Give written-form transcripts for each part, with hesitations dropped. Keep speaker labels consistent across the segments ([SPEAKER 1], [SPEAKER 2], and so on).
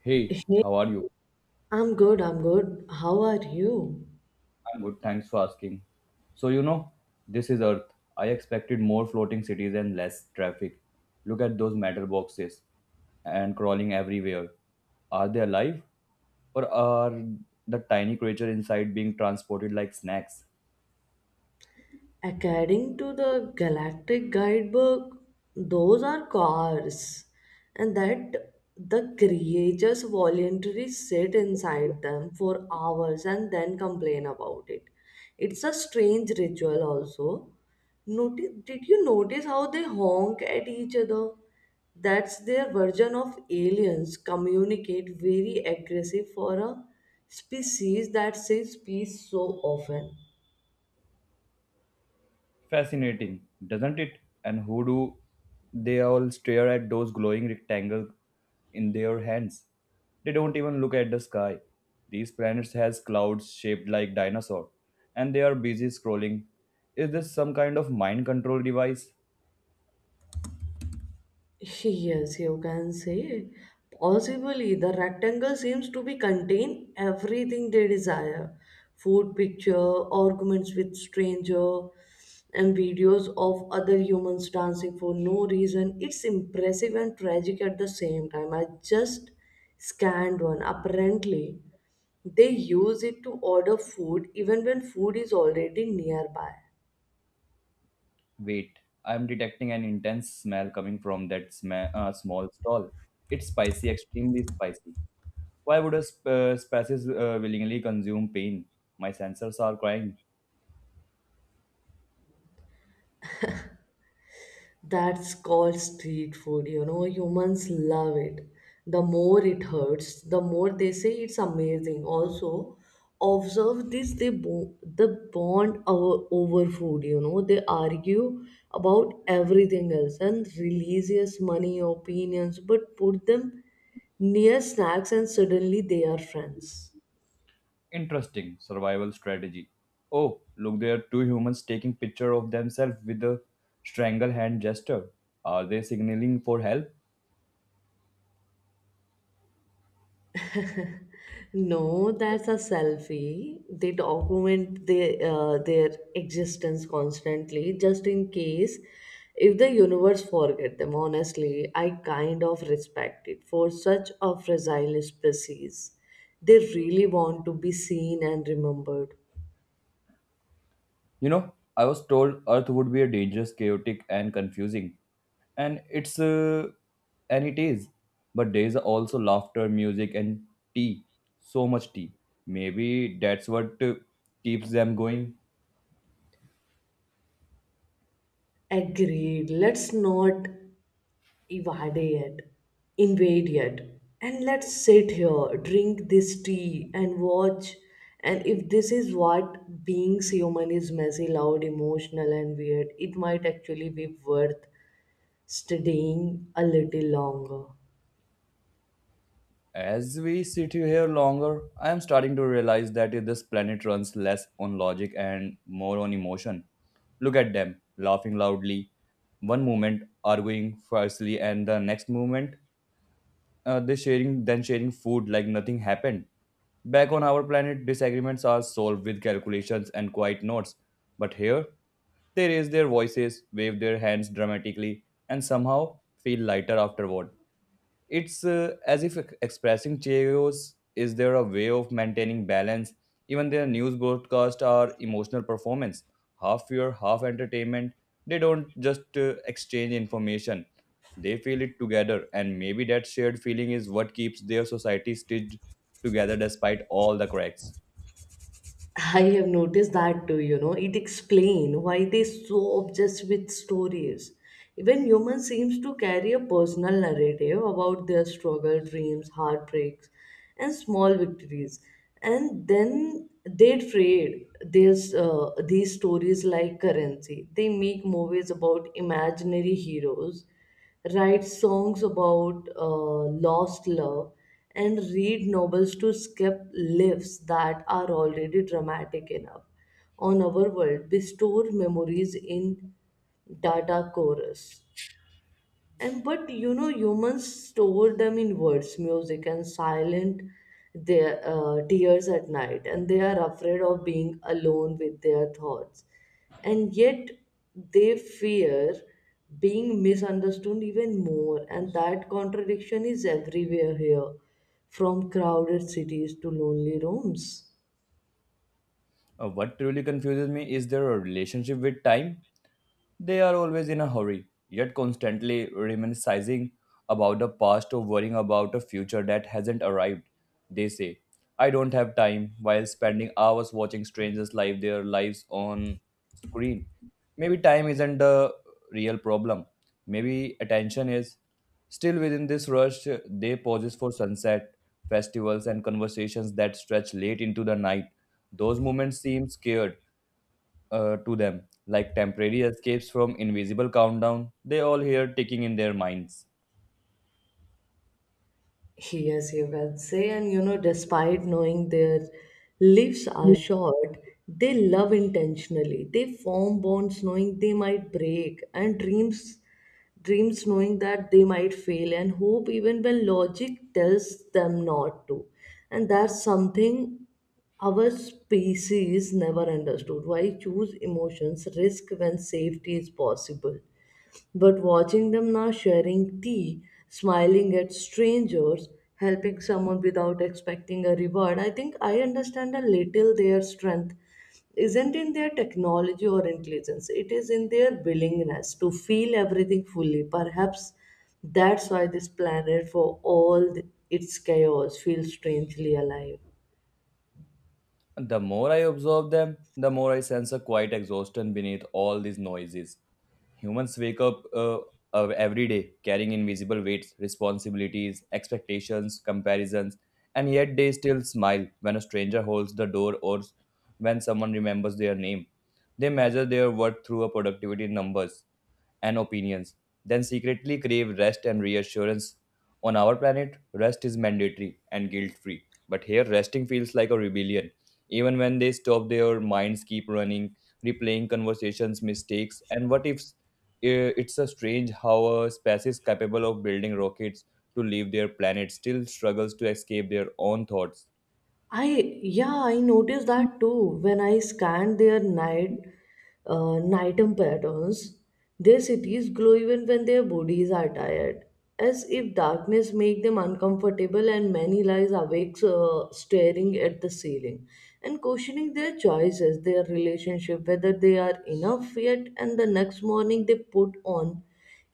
[SPEAKER 1] Hey,
[SPEAKER 2] Hey,
[SPEAKER 1] how are you?
[SPEAKER 2] I'm good, I'm good. How are you?
[SPEAKER 1] I'm good, thanks for asking. So, you know, this is Earth. I expected more floating cities and less traffic. Look at those matter boxes and crawling everywhere. Are they alive? Or are the tiny creature inside being transported like snacks?
[SPEAKER 2] According to the Galactic Guidebook, those are cars, and that the creatures voluntarily sit inside them for hours and then complain about it. It's a strange ritual, also. Did you notice how they honk at each other? That's their version of aliens communicate very aggressive for a species that says peace so often.
[SPEAKER 1] Fascinating, doesn't it? And who do they all stare at those glowing rectangles in their hands? They don't even look at the sky. These planets has clouds shaped like dinosaur, and they are busy scrolling. Is this some kind of mind control device?
[SPEAKER 2] Yes, you can say. Possibly, the rectangle seems to be contain everything they desire. Food picture, arguments with stranger, and videos of other humans dancing for no reason. It's impressive and tragic at the same time. I just scanned one. Apparently, they use it to order food even when food is already nearby.
[SPEAKER 1] Wait, I'm detecting an intense smell coming from that small stall. It's spicy, extremely spicy. Why would a species willingly consume pain? My sensors are crying.
[SPEAKER 2] That's called street food. Humans love it. The more it hurts, the more they say it's amazing. Also, observe this the bond over food. They argue about everything else and religious money, opinions, but put them near snacks and suddenly they are friends.
[SPEAKER 1] Interesting survival strategy. Oh, look there are two humans taking picture of themselves with a strangle hand gesture. Are they signaling for help?
[SPEAKER 2] No, that's a selfie. They document their existence constantly, just in case if the universe forget them. Honestly, I kind of respect it for such a fragile species. They really want to be seen and remembered.
[SPEAKER 1] You know, I was told Earth would be a dangerous, chaotic and confusing. And it's uh, and it is. But there is also laughter, music and tea. So much tea. Maybe that's what keeps them going.
[SPEAKER 2] Agreed. Let's not evade it, invade it, and let's sit here, drink this tea, and watch. And if this is what being human is messy, loud, emotional, and weird, it might actually be worth studying a little longer.
[SPEAKER 1] As we sit here longer, I am starting to realize that this planet runs less on logic and more on emotion. Look at them, laughing loudly, one moment arguing fiercely, and the next moment they sharing then sharing food like nothing happened. Back on our planet, disagreements are solved with calculations and quiet notes, but here they raise their voices, wave their hands dramatically, and somehow feel lighter afterward. It's as if expressing chaos. Is there a way of maintaining balance? Even their news broadcasts are emotional performance, half fear, half entertainment. They don't just exchange information; they feel it together, and maybe that shared feeling is what keeps their society stitched together despite all the cracks.
[SPEAKER 2] I have noticed that too, it explains why they so obsessed with stories. Even humans seems to carry a personal narrative about their struggle, dreams, heartbreaks, and small victories. And then they trade these stories like currency. They make movies about imaginary heroes write songs about lost love, and read novels to skip lives that are already dramatic enough. On our world, we store memories in data chorus and but humans store them in words music and silent their tears at night, and they are afraid of being alone with their thoughts, and yet they fear being misunderstood even more, and that contradiction is everywhere here, from crowded cities to lonely rooms.
[SPEAKER 1] What truly confuses me is their relationship with time. They are always in a hurry, yet constantly reminiscing about the past or worrying about a future that hasn't arrived. They say, I don't have time, while spending hours watching strangers live their lives on screen. Maybe time isn't the real problem. Maybe attention is. Still within this rush, they pauses for sunset, festivals, and conversations that stretch late into the night. Those moments seem scared to them, like temporary escapes from invisible countdown they all hear ticking in their minds.
[SPEAKER 2] Yes, you can say, and despite knowing their lives are short, they love intentionally. They form bonds knowing they might break, and dreams knowing that they might fail, and hope even when logic tells them not to. And that's something our species never understood. Why choose emotions, risk when safety is possible? But watching them now sharing tea, smiling at strangers, helping someone without expecting a reward, I think I understand a little their strength isn't in their technology or intelligence, it is in their willingness to feel everything fully. Perhaps that's why this planet, for all its chaos, feels strangely alive.
[SPEAKER 1] The more I observe them, the more I sense a quiet exhaustion beneath all these noises. Humans wake up every day carrying invisible weights, responsibilities, expectations, comparisons, and yet they still smile when a stranger holds the door or when someone remembers their name. They measure their worth through a productivity numbers and opinions, then secretly crave rest and reassurance. On our planet, rest is mandatory and guilt free. But here, resting feels like a rebellion. Even when they stop, their minds keep running, replaying conversations, mistakes, and what ifs. It's a strange how a species capable of building rockets to leave their planet still struggles to escape their own thoughts.
[SPEAKER 2] I noticed that too when I scanned their nighttime patterns. Their cities glow even when their bodies are tired, as if darkness make them uncomfortable. And many lies awakes, staring at the ceiling and questioning their choices, their relationship, whether they are enough yet. And the next morning, they put on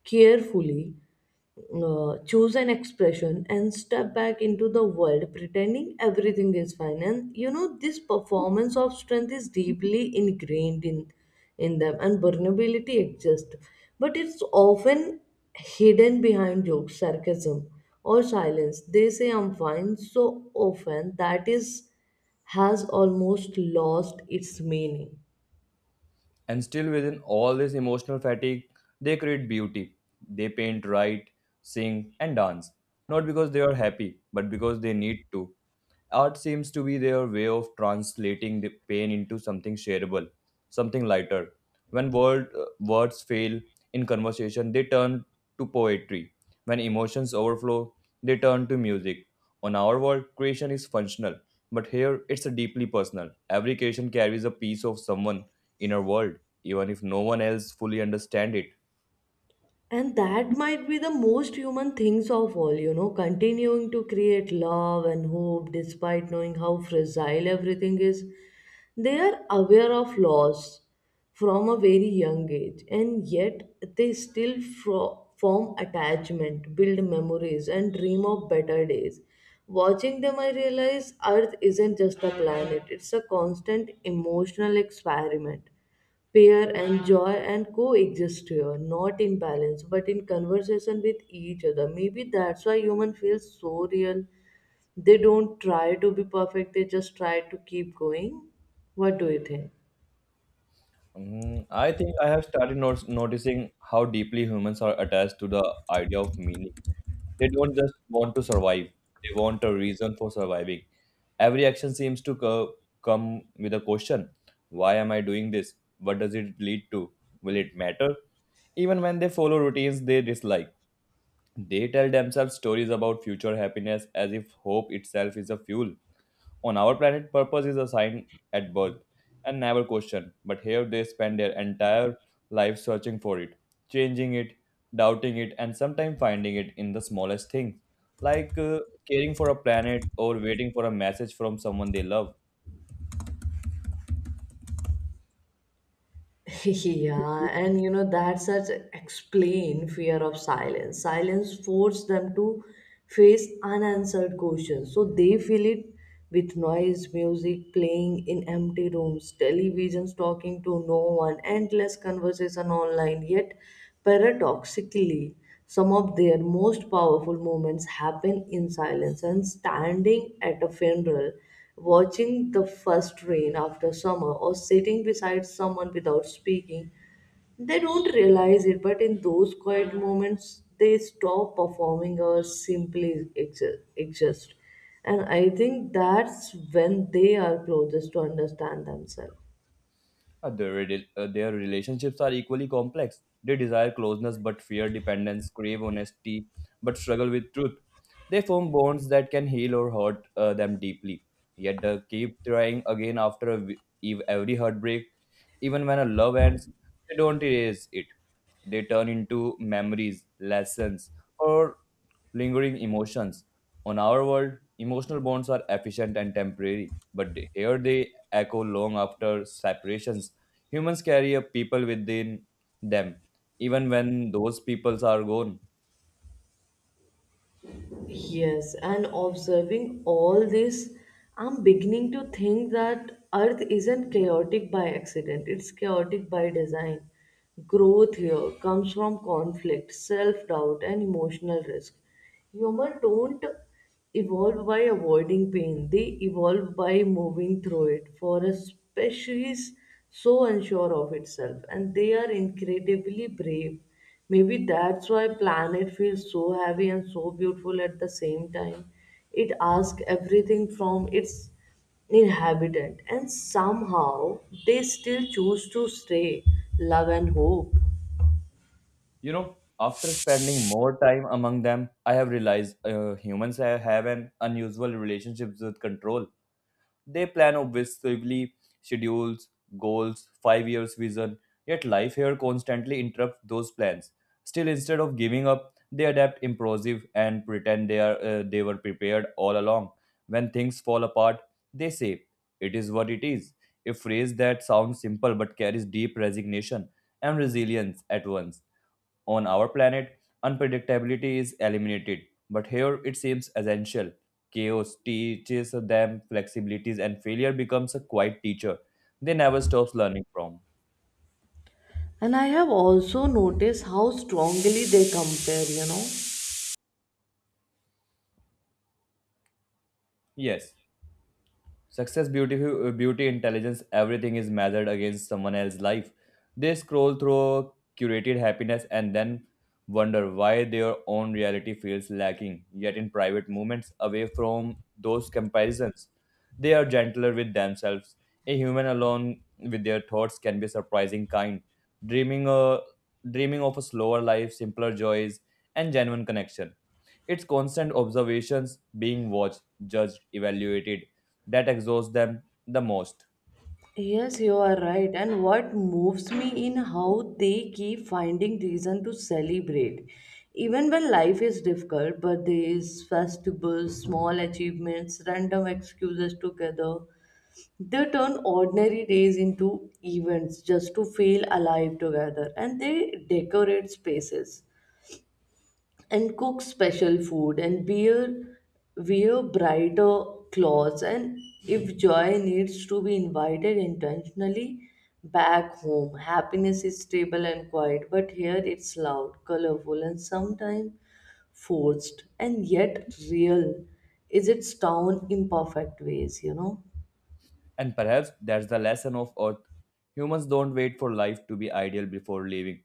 [SPEAKER 2] carefully choose an expression and step back into the world pretending everything is fine, and this performance of strength is deeply ingrained in them and vulnerability exists, but it's often hidden behind jokes sarcasm or silence. They say I'm fine so often that is has almost lost its meaning.
[SPEAKER 1] And still, within all this emotional fatigue, they create beauty. They paint, write, sing, and dance. Not because they are happy, but because they need to. Art seems to be their way of translating the pain into something shareable, something lighter. When words fail in conversation, they turn to poetry. When emotions overflow, they turn to music. On our world, creation is functional, but here it's a deeply personal. Every creation carries a piece of someone in our world, even if no one else fully understands it.
[SPEAKER 2] And that might be the most human things of all, continuing to create love and hope despite knowing how fragile everything is. They are aware of loss from a very young age, and yet they still form attachment, build memories, and dream of better days. Watching them, I realize Earth isn't just a planet, it's a constant emotional experiment pair enjoy and coexist here not in balance but in conversation with each other, maybe that's why human feels so real. They don't try to be perfect, they just try to keep going. What do you think?
[SPEAKER 1] Mm, I think I have started noticing how deeply humans are attached to the idea of meaning. They don't just want to survive, they want a reason for surviving. Every action seems to come with a question. Why am I doing this? What does it lead to? Will it matter? Even when they follow routines they dislike, they tell themselves stories about future happiness as if hope itself is a fuel. On our planet, purpose is assigned at birth and never questioned, but here they spend their entire life searching for it, changing it, doubting it, and sometimes finding it in the smallest things, like caring for a planet or waiting for a message from someone they love.
[SPEAKER 2] Yeah, and that's such explain fear of silence. Silence forced them to face unanswered questions, so they fill it with noise, music playing in empty rooms, televisions talking to no one, endless conversation online. Yet, paradoxically, some of their most powerful moments happen in silence. And standing at a funeral watching the first rain after summer or sitting beside someone without speaking, they don't realize it, but in those quiet moments they stop performing or simply exist, and I think that's when they are closest to understand themselves.
[SPEAKER 1] Their relationships are equally complex. They desire closeness but fear dependence, crave honesty but struggle with truth. They form bonds that can heal or hurt them deeply. Yet they keep trying again after every heartbreak. Even when a love ends, they don't erase it. They turn into memories, lessons, or lingering emotions. On our world, emotional bonds are efficient and temporary, but here they echo long after separations. Humans carry a people within them, even when those peoples are gone.
[SPEAKER 2] Yes, and observing all this, I'm beginning to think that Earth isn't chaotic by accident, it's chaotic by design. Growth here comes from conflict, self doubt, and emotional risk. Humans don't evolve by avoiding pain, they evolve by moving through it. For a species so unsure of itself, and they are incredibly brave. Maybe that's why planet feels so heavy and so beautiful at the same time. It asks everything from its inhabitant, and somehow they still choose to stay, love and hope.
[SPEAKER 1] You know, after spending more time among them, I have realized humans have an unusual relationship with control. They plan obsessively, schedules, goals, 5-year vision, yet life here constantly interrupts those plans. Still, instead of giving up, they adapt impulsive and pretend they were prepared all along. When things fall apart, they say, "It is what it is." A phrase that sounds simple but carries deep resignation and resilience at once. On our planet, unpredictability is eliminated, but here it seems essential. Chaos teaches them flexibilities, and failure becomes a quiet teacher they never stops learning from.
[SPEAKER 2] And I have also noticed how strongly they compare.
[SPEAKER 1] Yes. Success, beauty, intelligence, everything is measured against someone else's life. They scroll through curated happiness and then wonder why their own reality feels lacking. Yet, in private moments, away from those comparisons, they are gentler with themselves. A human alone with their thoughts can be surprising kind, dreaming, a, dreaming of a slower life, simpler joys, and genuine connection. It's constant observations, being watched, judged, evaluated, that exhausts them the most.
[SPEAKER 2] Yes, you are right. And what moves me in how they keep finding reason to celebrate. Even when life is difficult, birthdays, festivals, small achievements, random excuses together, they turn ordinary days into events just to feel alive together, and they decorate spaces and cook special food and wear brighter clothes. And if joy needs to be invited intentionally back home, happiness is stable and quiet, but here it's loud, colorful, and sometimes forced and yet real. Is its town imperfect ways?
[SPEAKER 1] And perhaps that's the lesson of Earth. Humans don't wait for life to be ideal before living.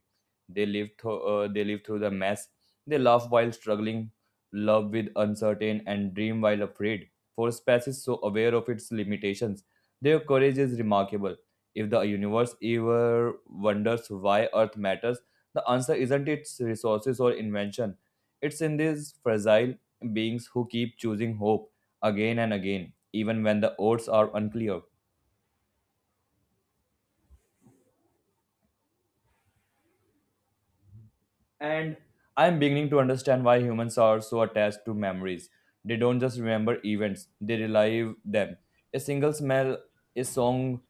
[SPEAKER 1] They live through the mess. They laugh while struggling, love with uncertain, and dream while afraid. For a species so aware of its limitations, their courage is remarkable. If the universe ever wonders why Earth matters, the answer isn't its resources or invention. It's in these fragile beings who keep choosing hope again and again, even when the odds are unclear. And I'm beginning to understand why humans are so attached to memories. They don't just remember events, they relive them. A single smell, a song,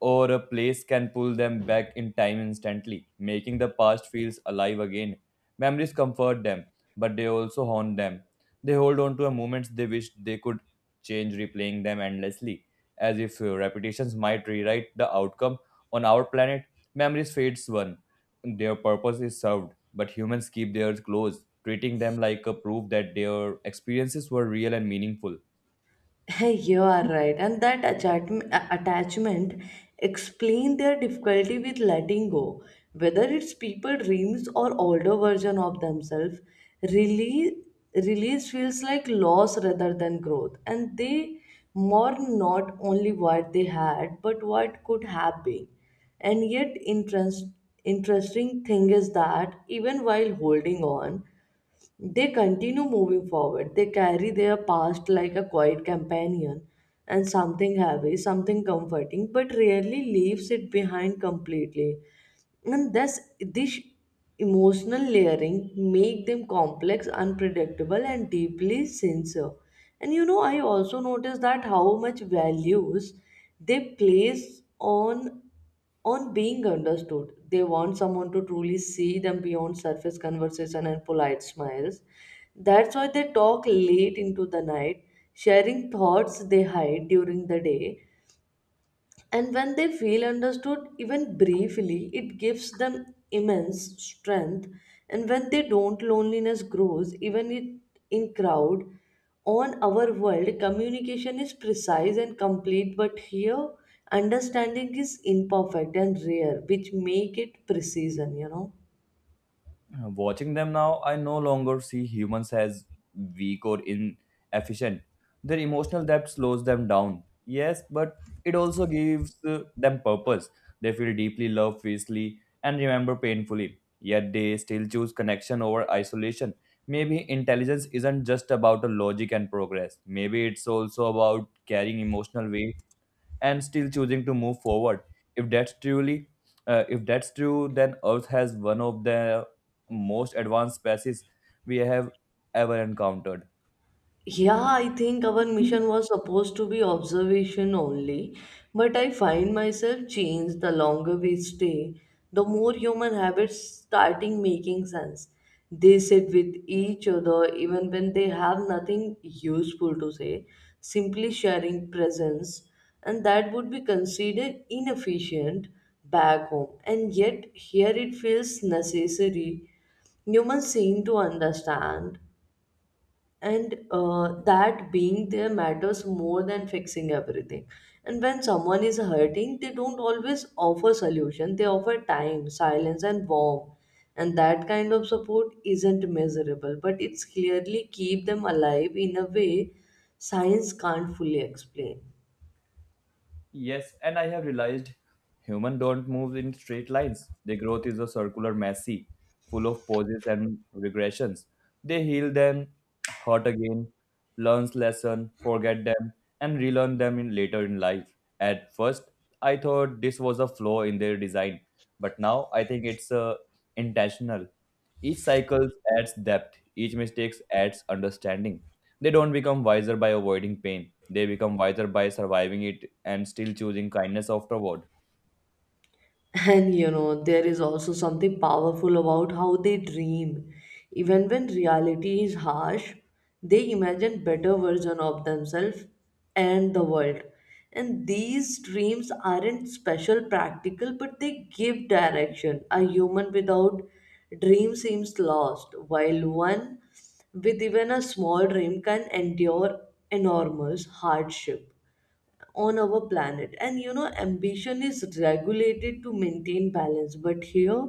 [SPEAKER 1] or a place can pull them back in time instantly, making the past feels alive again. Memories comfort them, but they also haunt them. They hold on to moments they wish they could change, replaying them endlessly, as if repetitions might rewrite the outcome on our planet. Memories fades one their purpose is served, but humans keep theirs close, treating them like a proof that their experiences were real and meaningful.
[SPEAKER 2] You are right. And that attachment explain their difficulty with letting go. Whether it's people dreams or older version of themselves, release, release feels like loss rather than growth. And they mourn not only what they had, but what could have been. And yet, interesting thing is that even while holding on, they continue moving forward. They carry their past like a quiet companion and something heavy, something comforting, but rarely leaves it behind completely. And thus, this emotional layering make them complex, unpredictable, and deeply sincere. And I also noticed that how much values they place on being understood. They want someone to truly see them beyond surface conversation and polite smiles. That's why they talk late into the night, sharing thoughts they hide during the day, and when they feel understood, even briefly, it gives them immense strength. And when they don't, loneliness grows, in crowd. On our world, communication is precise and complete, but here, understanding is imperfect and rare, which make it precision.
[SPEAKER 1] Watching them now, I no longer see humans as weak or inefficient. Their emotional depth slows them down. Yes, but it also gives them purpose. They feel deeply love fiercely and remember painfully. Yet they still choose connection over isolation. Maybe intelligence isn't just about the logic and progress. Maybe it's also about carrying emotional weight and still choosing to move forward. if that's truly if that's true, then earth has one of the most advanced species we have ever encountered.
[SPEAKER 2] Yeah, I think our mission was supposed to be observation only, but I find myself change the longer we stay, the more human habits starting making sense. They sit with each other even when they have nothing useful to say, simply sharing presence, and that would be considered inefficient back home. And yet here it feels necessary. Humans seem to understand and that being there matters more than fixing everything, and when someone is hurting they don't always offer solution, they offer time silence and warmth, and that kind of support isn't measurable but it's clearly keep them alive in a way science can't fully explain.
[SPEAKER 1] Yes, and I have realized humans don't move in straight lines. Their growth is a circular messy, full of pauses and regressions. They heal them, hurt again, learns lesson, forget them, and relearn them in later in life. At first, I thought this was a flaw in their design, but now I think it's intentional. Each cycle adds depth, each mistake adds understanding. They don't become wiser by avoiding pain, they become wiser by surviving it and still choosing kindness afterward.
[SPEAKER 2] And there is also something powerful about how they dream. Even when reality is harsh, they imagine better version of themselves and the world. And these dreams aren't special practical, but they give direction. A human without dream seems lost, while one with even a small dream can endure enormous hardship on our planet, and ambition is regulated to maintain balance, but here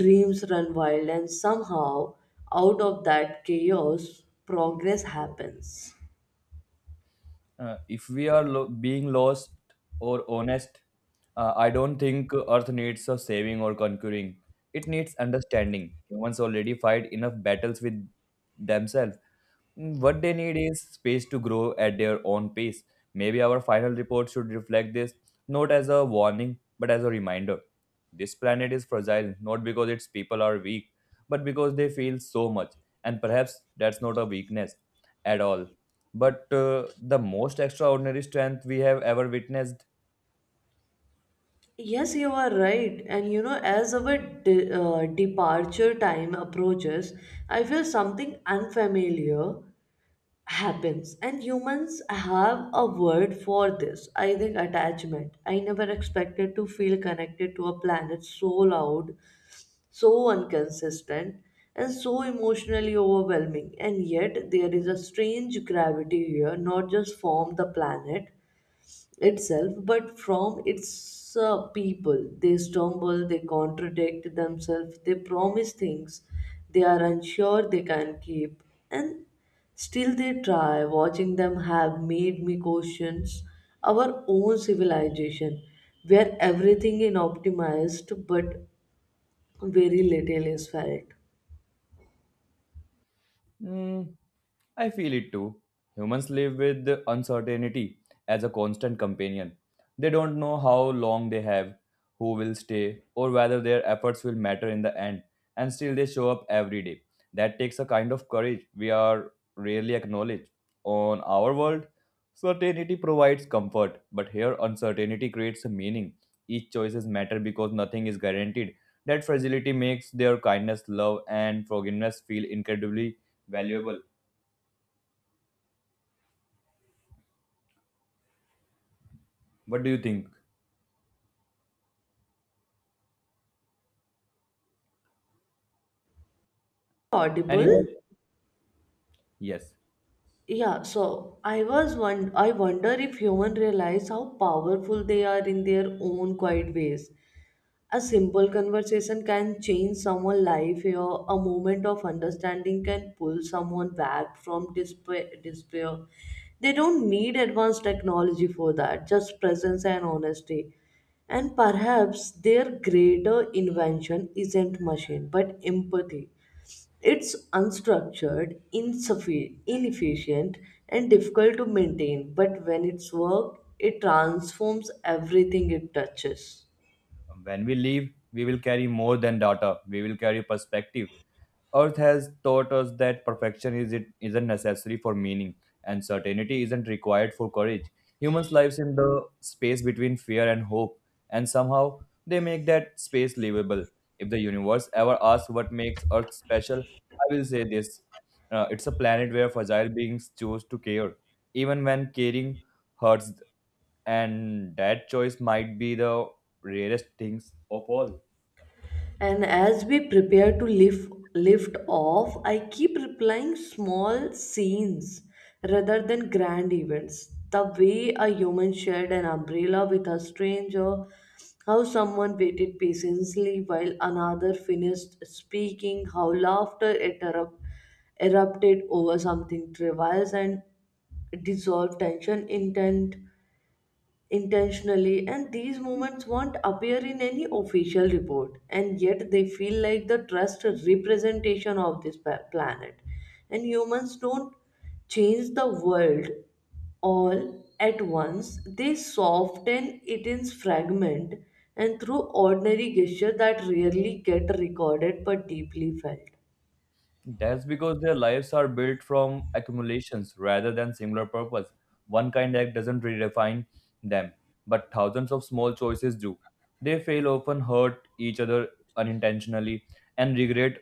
[SPEAKER 2] dreams run wild and somehow out of that chaos progress happens.
[SPEAKER 1] If we are being lost or honest, I don't think Earth needs a saving or conquering. It needs understanding. Humans already fight enough battles with themselves. Mm, what they need is space to grow at their own pace. Maybe our final report should reflect this, not as a warning, but as a reminder. This planet is fragile, not because its people are weak, but because they feel so much. And perhaps that's not a weakness at all, but the most extraordinary strength we have ever witnessed.
[SPEAKER 2] Yes you are right, and as our departure time approaches I feel something unfamiliar happens and humans have a word for this I think attachment. I never expected to feel connected to a planet so loud, so inconsistent, and so emotionally overwhelming. And yet, there is a strange gravity here, not just from the planet itself, but from its people. They stumble, they contradict themselves, they promise things they are unsure they can keep, and still they try. Watching them have made me question our own civilization, where everything is optimized but very little is felt.
[SPEAKER 1] Mm, I feel it too. Humans live with uncertainty as a constant companion. They don't know how long they have, who will stay, or whether their efforts will matter in the end, and still they show up every day. That takes a kind of courage we are rarely acknowledged. On our world, certainty provides comfort, but here uncertainty creates a meaning. Each choices matter because nothing is guaranteed. That fragility makes their kindness, love, and forgiveness feel incredibly valuable. What do you think? And you
[SPEAKER 2] Audible?
[SPEAKER 1] know, yes,
[SPEAKER 2] Yeah, so I was one I wonder if humans realize how powerful they are in their own quiet ways. A simple conversation can change someone's life, or a moment of understanding can pull someone back from despair. They don't need advanced technology for that, just presence and honesty. And perhaps their greater invention isn't machine but empathy. It's unstructured, inefficient, and difficult to maintain, but when it's worked, it transforms everything it touches.
[SPEAKER 1] when we leave, we will carry more than data. We will carry perspective. Earth has taught us that perfection is it isn't necessary for meaning, and certainty isn't required for courage. Humans' lives in the space between fear and hope, and somehow they make that space livable. If the universe ever asks what makes Earth special, I will say this: it's a planet where fragile beings choose to care, even when caring hurts, and that choice might be the rarest things.
[SPEAKER 2] And as we prepare to lift off, I keep replying small scenes rather than grand events. The way a human shared an umbrella with a stranger, how someone waited patiently while another finished speaking, how erupted over something trivial and dissolved tension intent intentionally. And these moments won't appear in any official report, and yet they feel like the trust representation of this planet. And humans don't change the world all at once, they soften it in fragment, and through ordinary gesture that rarely get recorded but deeply felt.
[SPEAKER 1] That's because their lives are built from accumulations rather than singular purpose. One kind act doesn't redefine them, but thousands of small choices do. They fail, often hurt each other unintentionally, and regret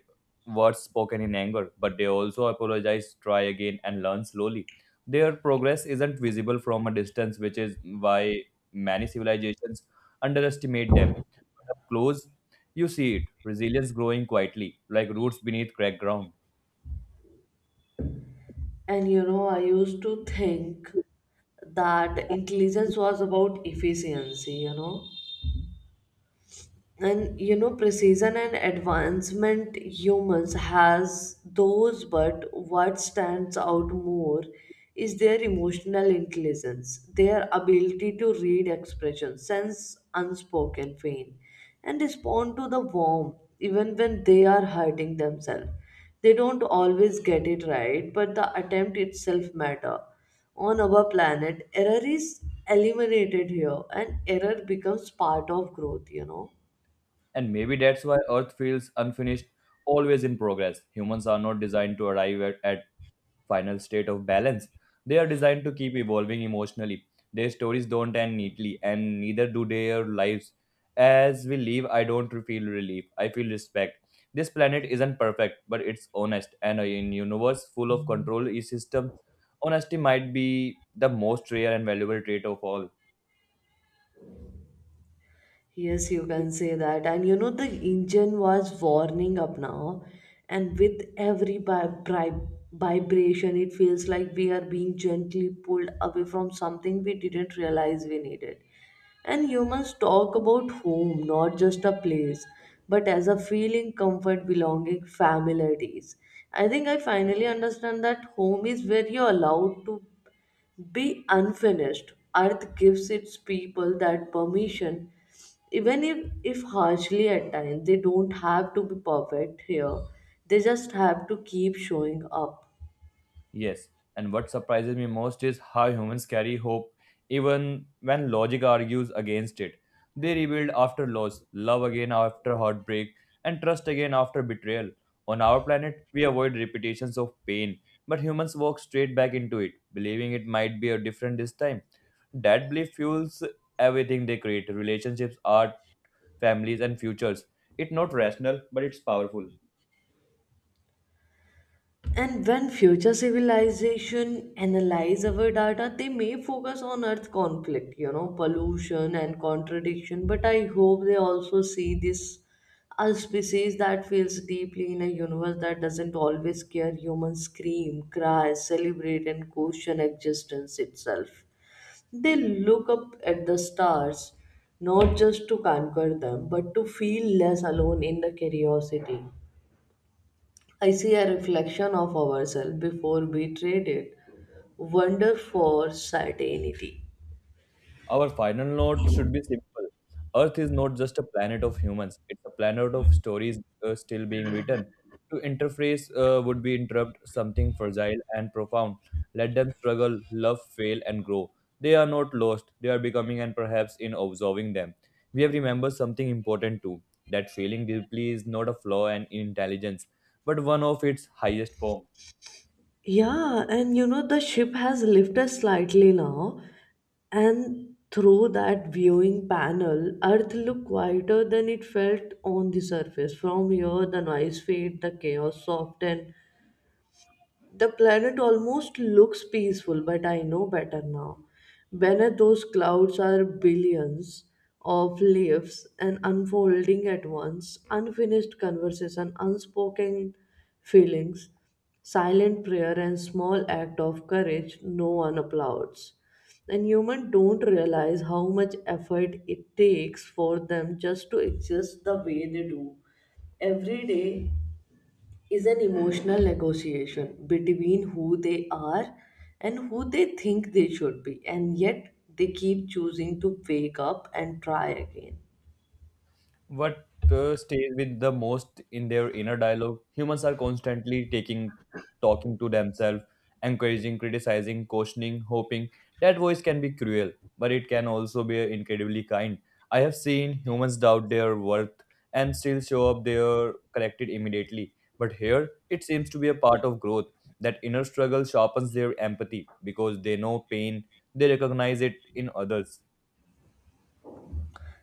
[SPEAKER 1] words spoken in anger, but they also apologize, try again, and learn slowly. Their progress isn't visible from a distance, which is why many civilizations underestimate them. But up close, you see it resilience growing quietly, like roots beneath cracked ground.
[SPEAKER 2] And you know i used to think that intelligence was about efficiency, and precision and advancement. Humans has those, but what stands out more is their emotional intelligence, their ability to read expression, sense unspoken pain, and respond to the warmth even when they are hurting themselves. They don't always get it right, but the attempt itself matter. On our planet error is eliminated, here and error becomes part of growth.
[SPEAKER 1] And maybe that's why Earth feels unfinished, always in progress. Humans are not designed to arrive at final state of balance. They are designed to keep evolving emotionally. Their stories don't end neatly, and neither do their lives. As we leave, I don't feel relief. I feel respect. This planet isn't perfect, but it's honest, and in universe full of control systems, honesty might be the most rare and valuable trait of all.
[SPEAKER 2] Yes, you can say that. The engine was warning up now, and with every vibration, it feels like we are being gently pulled away from something we didn't realize we needed. And humans talk about home, not just a place, but as a feeling, comfort, belonging, familiarities. I think I finally understand that home is where you're allowed to be unfinished. Earth gives its people that permission, even if harshly at times. They don't have to be perfect here, they just have to keep showing up.
[SPEAKER 1] Yes, and what surprises me most is how humans carry hope even when logic argues against it. They rebuild after loss, love again after heartbreak, and trust again after betrayal. On our planet, we avoid repetitions of pain, but humans walk straight back into it, believing it might be a different this time. That belief fuels everything they create relationships, art, families, and futures. It's not rational, but it's powerful.
[SPEAKER 2] And when future civilization analyze our data, they may focus on earth conflict, pollution and contradiction. But I hope they also see this, a species that feels deeply in a universe that doesn't always care. Humans scream, cry, celebrate, and question existence itself. They look up at the stars, not just to conquer them, but to feel less alone in the curiosity. I see a reflection of ourselves before we trade it. Wonder for certainty.
[SPEAKER 1] Our final note should be simple. Earth is not just a planet of humans, it's a planet of stories still being written. To interface would be interrupt something fragile and profound. Let them struggle, love, fail, and grow. They are not lost, they are becoming, and perhaps in observing them. We have remembered something important too, that feeling deeply is not a flaw in intelligence, but one of its highest forms.
[SPEAKER 2] Yeah, the ship has lifted slightly now, and through that viewing panel, Earth looked quieter than it felt on the surface. From here, the noise fade, the chaos softened, the planet almost looks peaceful, but I know better now. Beneath those clouds are billions of leaves and unfolding at once, unfinished conversation, unspoken feelings, silent prayer, and small act of courage no one applauds. And humans don't realize how much effort it takes for them just to exist the way they do. Every day is an emotional negotiation between who they are and who they think they should be, and yet they keep choosing to wake up and try again.
[SPEAKER 1] What stays with the most in their inner dialogue? Humans are constantly talking to themselves, encouraging, criticizing, cautioning, hoping. That voice can be cruel, but it can also be incredibly kind. I have seen humans doubt their worth and still show up there corrected immediately. But here, it seems to be a part of growth. That inner struggle sharpens their empathy because they know pain, they recognize it in others.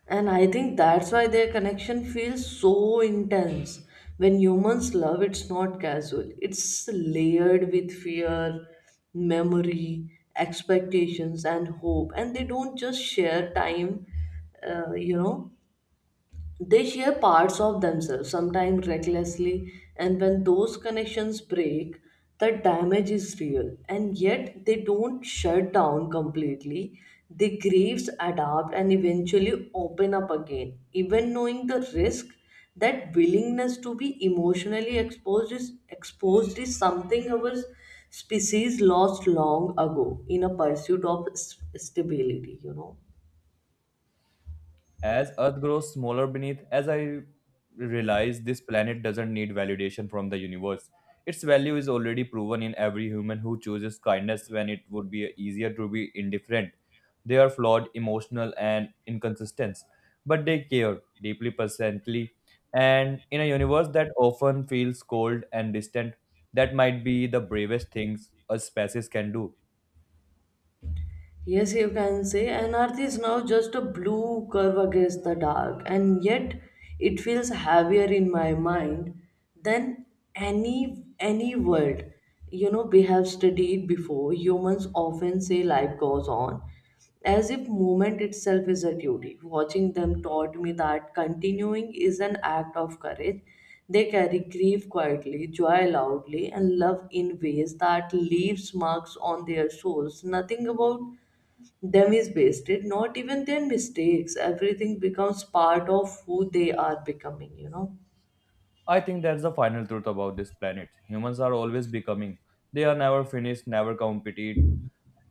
[SPEAKER 2] And I think that's why their connection feels so intense. When humans love, it's not casual, it's layered with fear, memory, expectations, and hope. And they don't just share time, uh, you know, they share parts of themselves, sometimes recklessly, and when those connections break, the damage is real. And yet, they don't shut down completely. They grieve, adapt, and eventually open up again. Even knowing the risk, that willingness to be emotionally exposed is something our species lost long ago in a pursuit of stability, you know.
[SPEAKER 1] As Earth grows smaller beneath, as I realize this planet doesn't need validation from the universe. Its value is already proven in every human who chooses kindness when it would be easier to be indifferent. They are flawed, emotional, and inconsistent, but they care deeply, presently. And in a universe that often feels cold and distant, that might be the bravest things a species can do.
[SPEAKER 2] Yes, you can say. And Earth is now just a blue curve against the dark, and yet it feels heavier in my mind than any world. You know, we have studied before. Humans often say life goes on, as if movement itself is a duty. Watching them taught me that continuing is an act of courage. They carry grief quietly, joy loudly, and love in ways that leaves marks on their souls. Nothing about them is wasted, not even their mistakes. Everything becomes part of who they are becoming, you know.
[SPEAKER 1] I think that's the final truth about this planet. Humans are always becoming. They are never finished, never completed,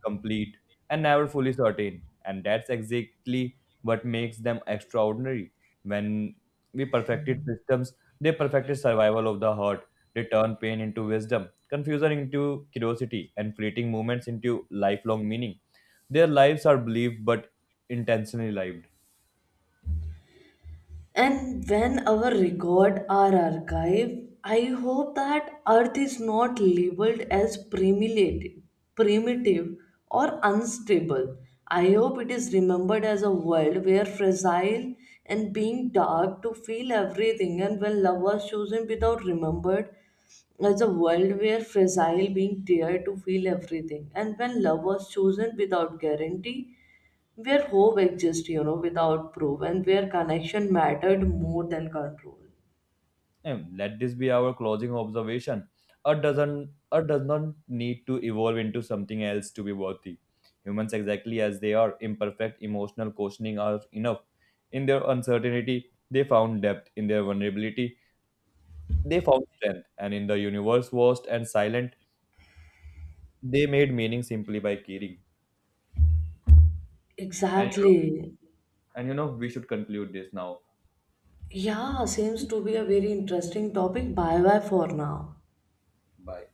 [SPEAKER 1] complete, and never fully certain. And that's exactly what makes them extraordinary. When we perfected systems, they perfected survival of the heart. They turned pain into wisdom, confusion into curiosity, and fleeting moments into lifelong meaning. Their lives are believed but intentionally lived.
[SPEAKER 2] And when our record are archived, I hope that Earth is not labeled as primitive or unstable. I hope it is remembered as a world where fragile and being dark to feel everything, and when love was chosen without remembered as a world where fragile being dared to feel everything, and when love was chosen without guarantee, where hope exists, you know, without proof, and where connection mattered more than control.
[SPEAKER 1] And let this be our closing observation. Art does not need to evolve into something else to be worthy. Humans exactly as they are, imperfect, emotional, questioning are enough. In their uncertainty, they found depth. In their vulnerability, they found strength. And in the universe vast and silent, they made meaning simply by caring. And you know,
[SPEAKER 2] Exactly.
[SPEAKER 1] we should conclude this now.
[SPEAKER 2] Yeah, seems to be a very interesting topic. Bye bye for now.
[SPEAKER 1] Bye.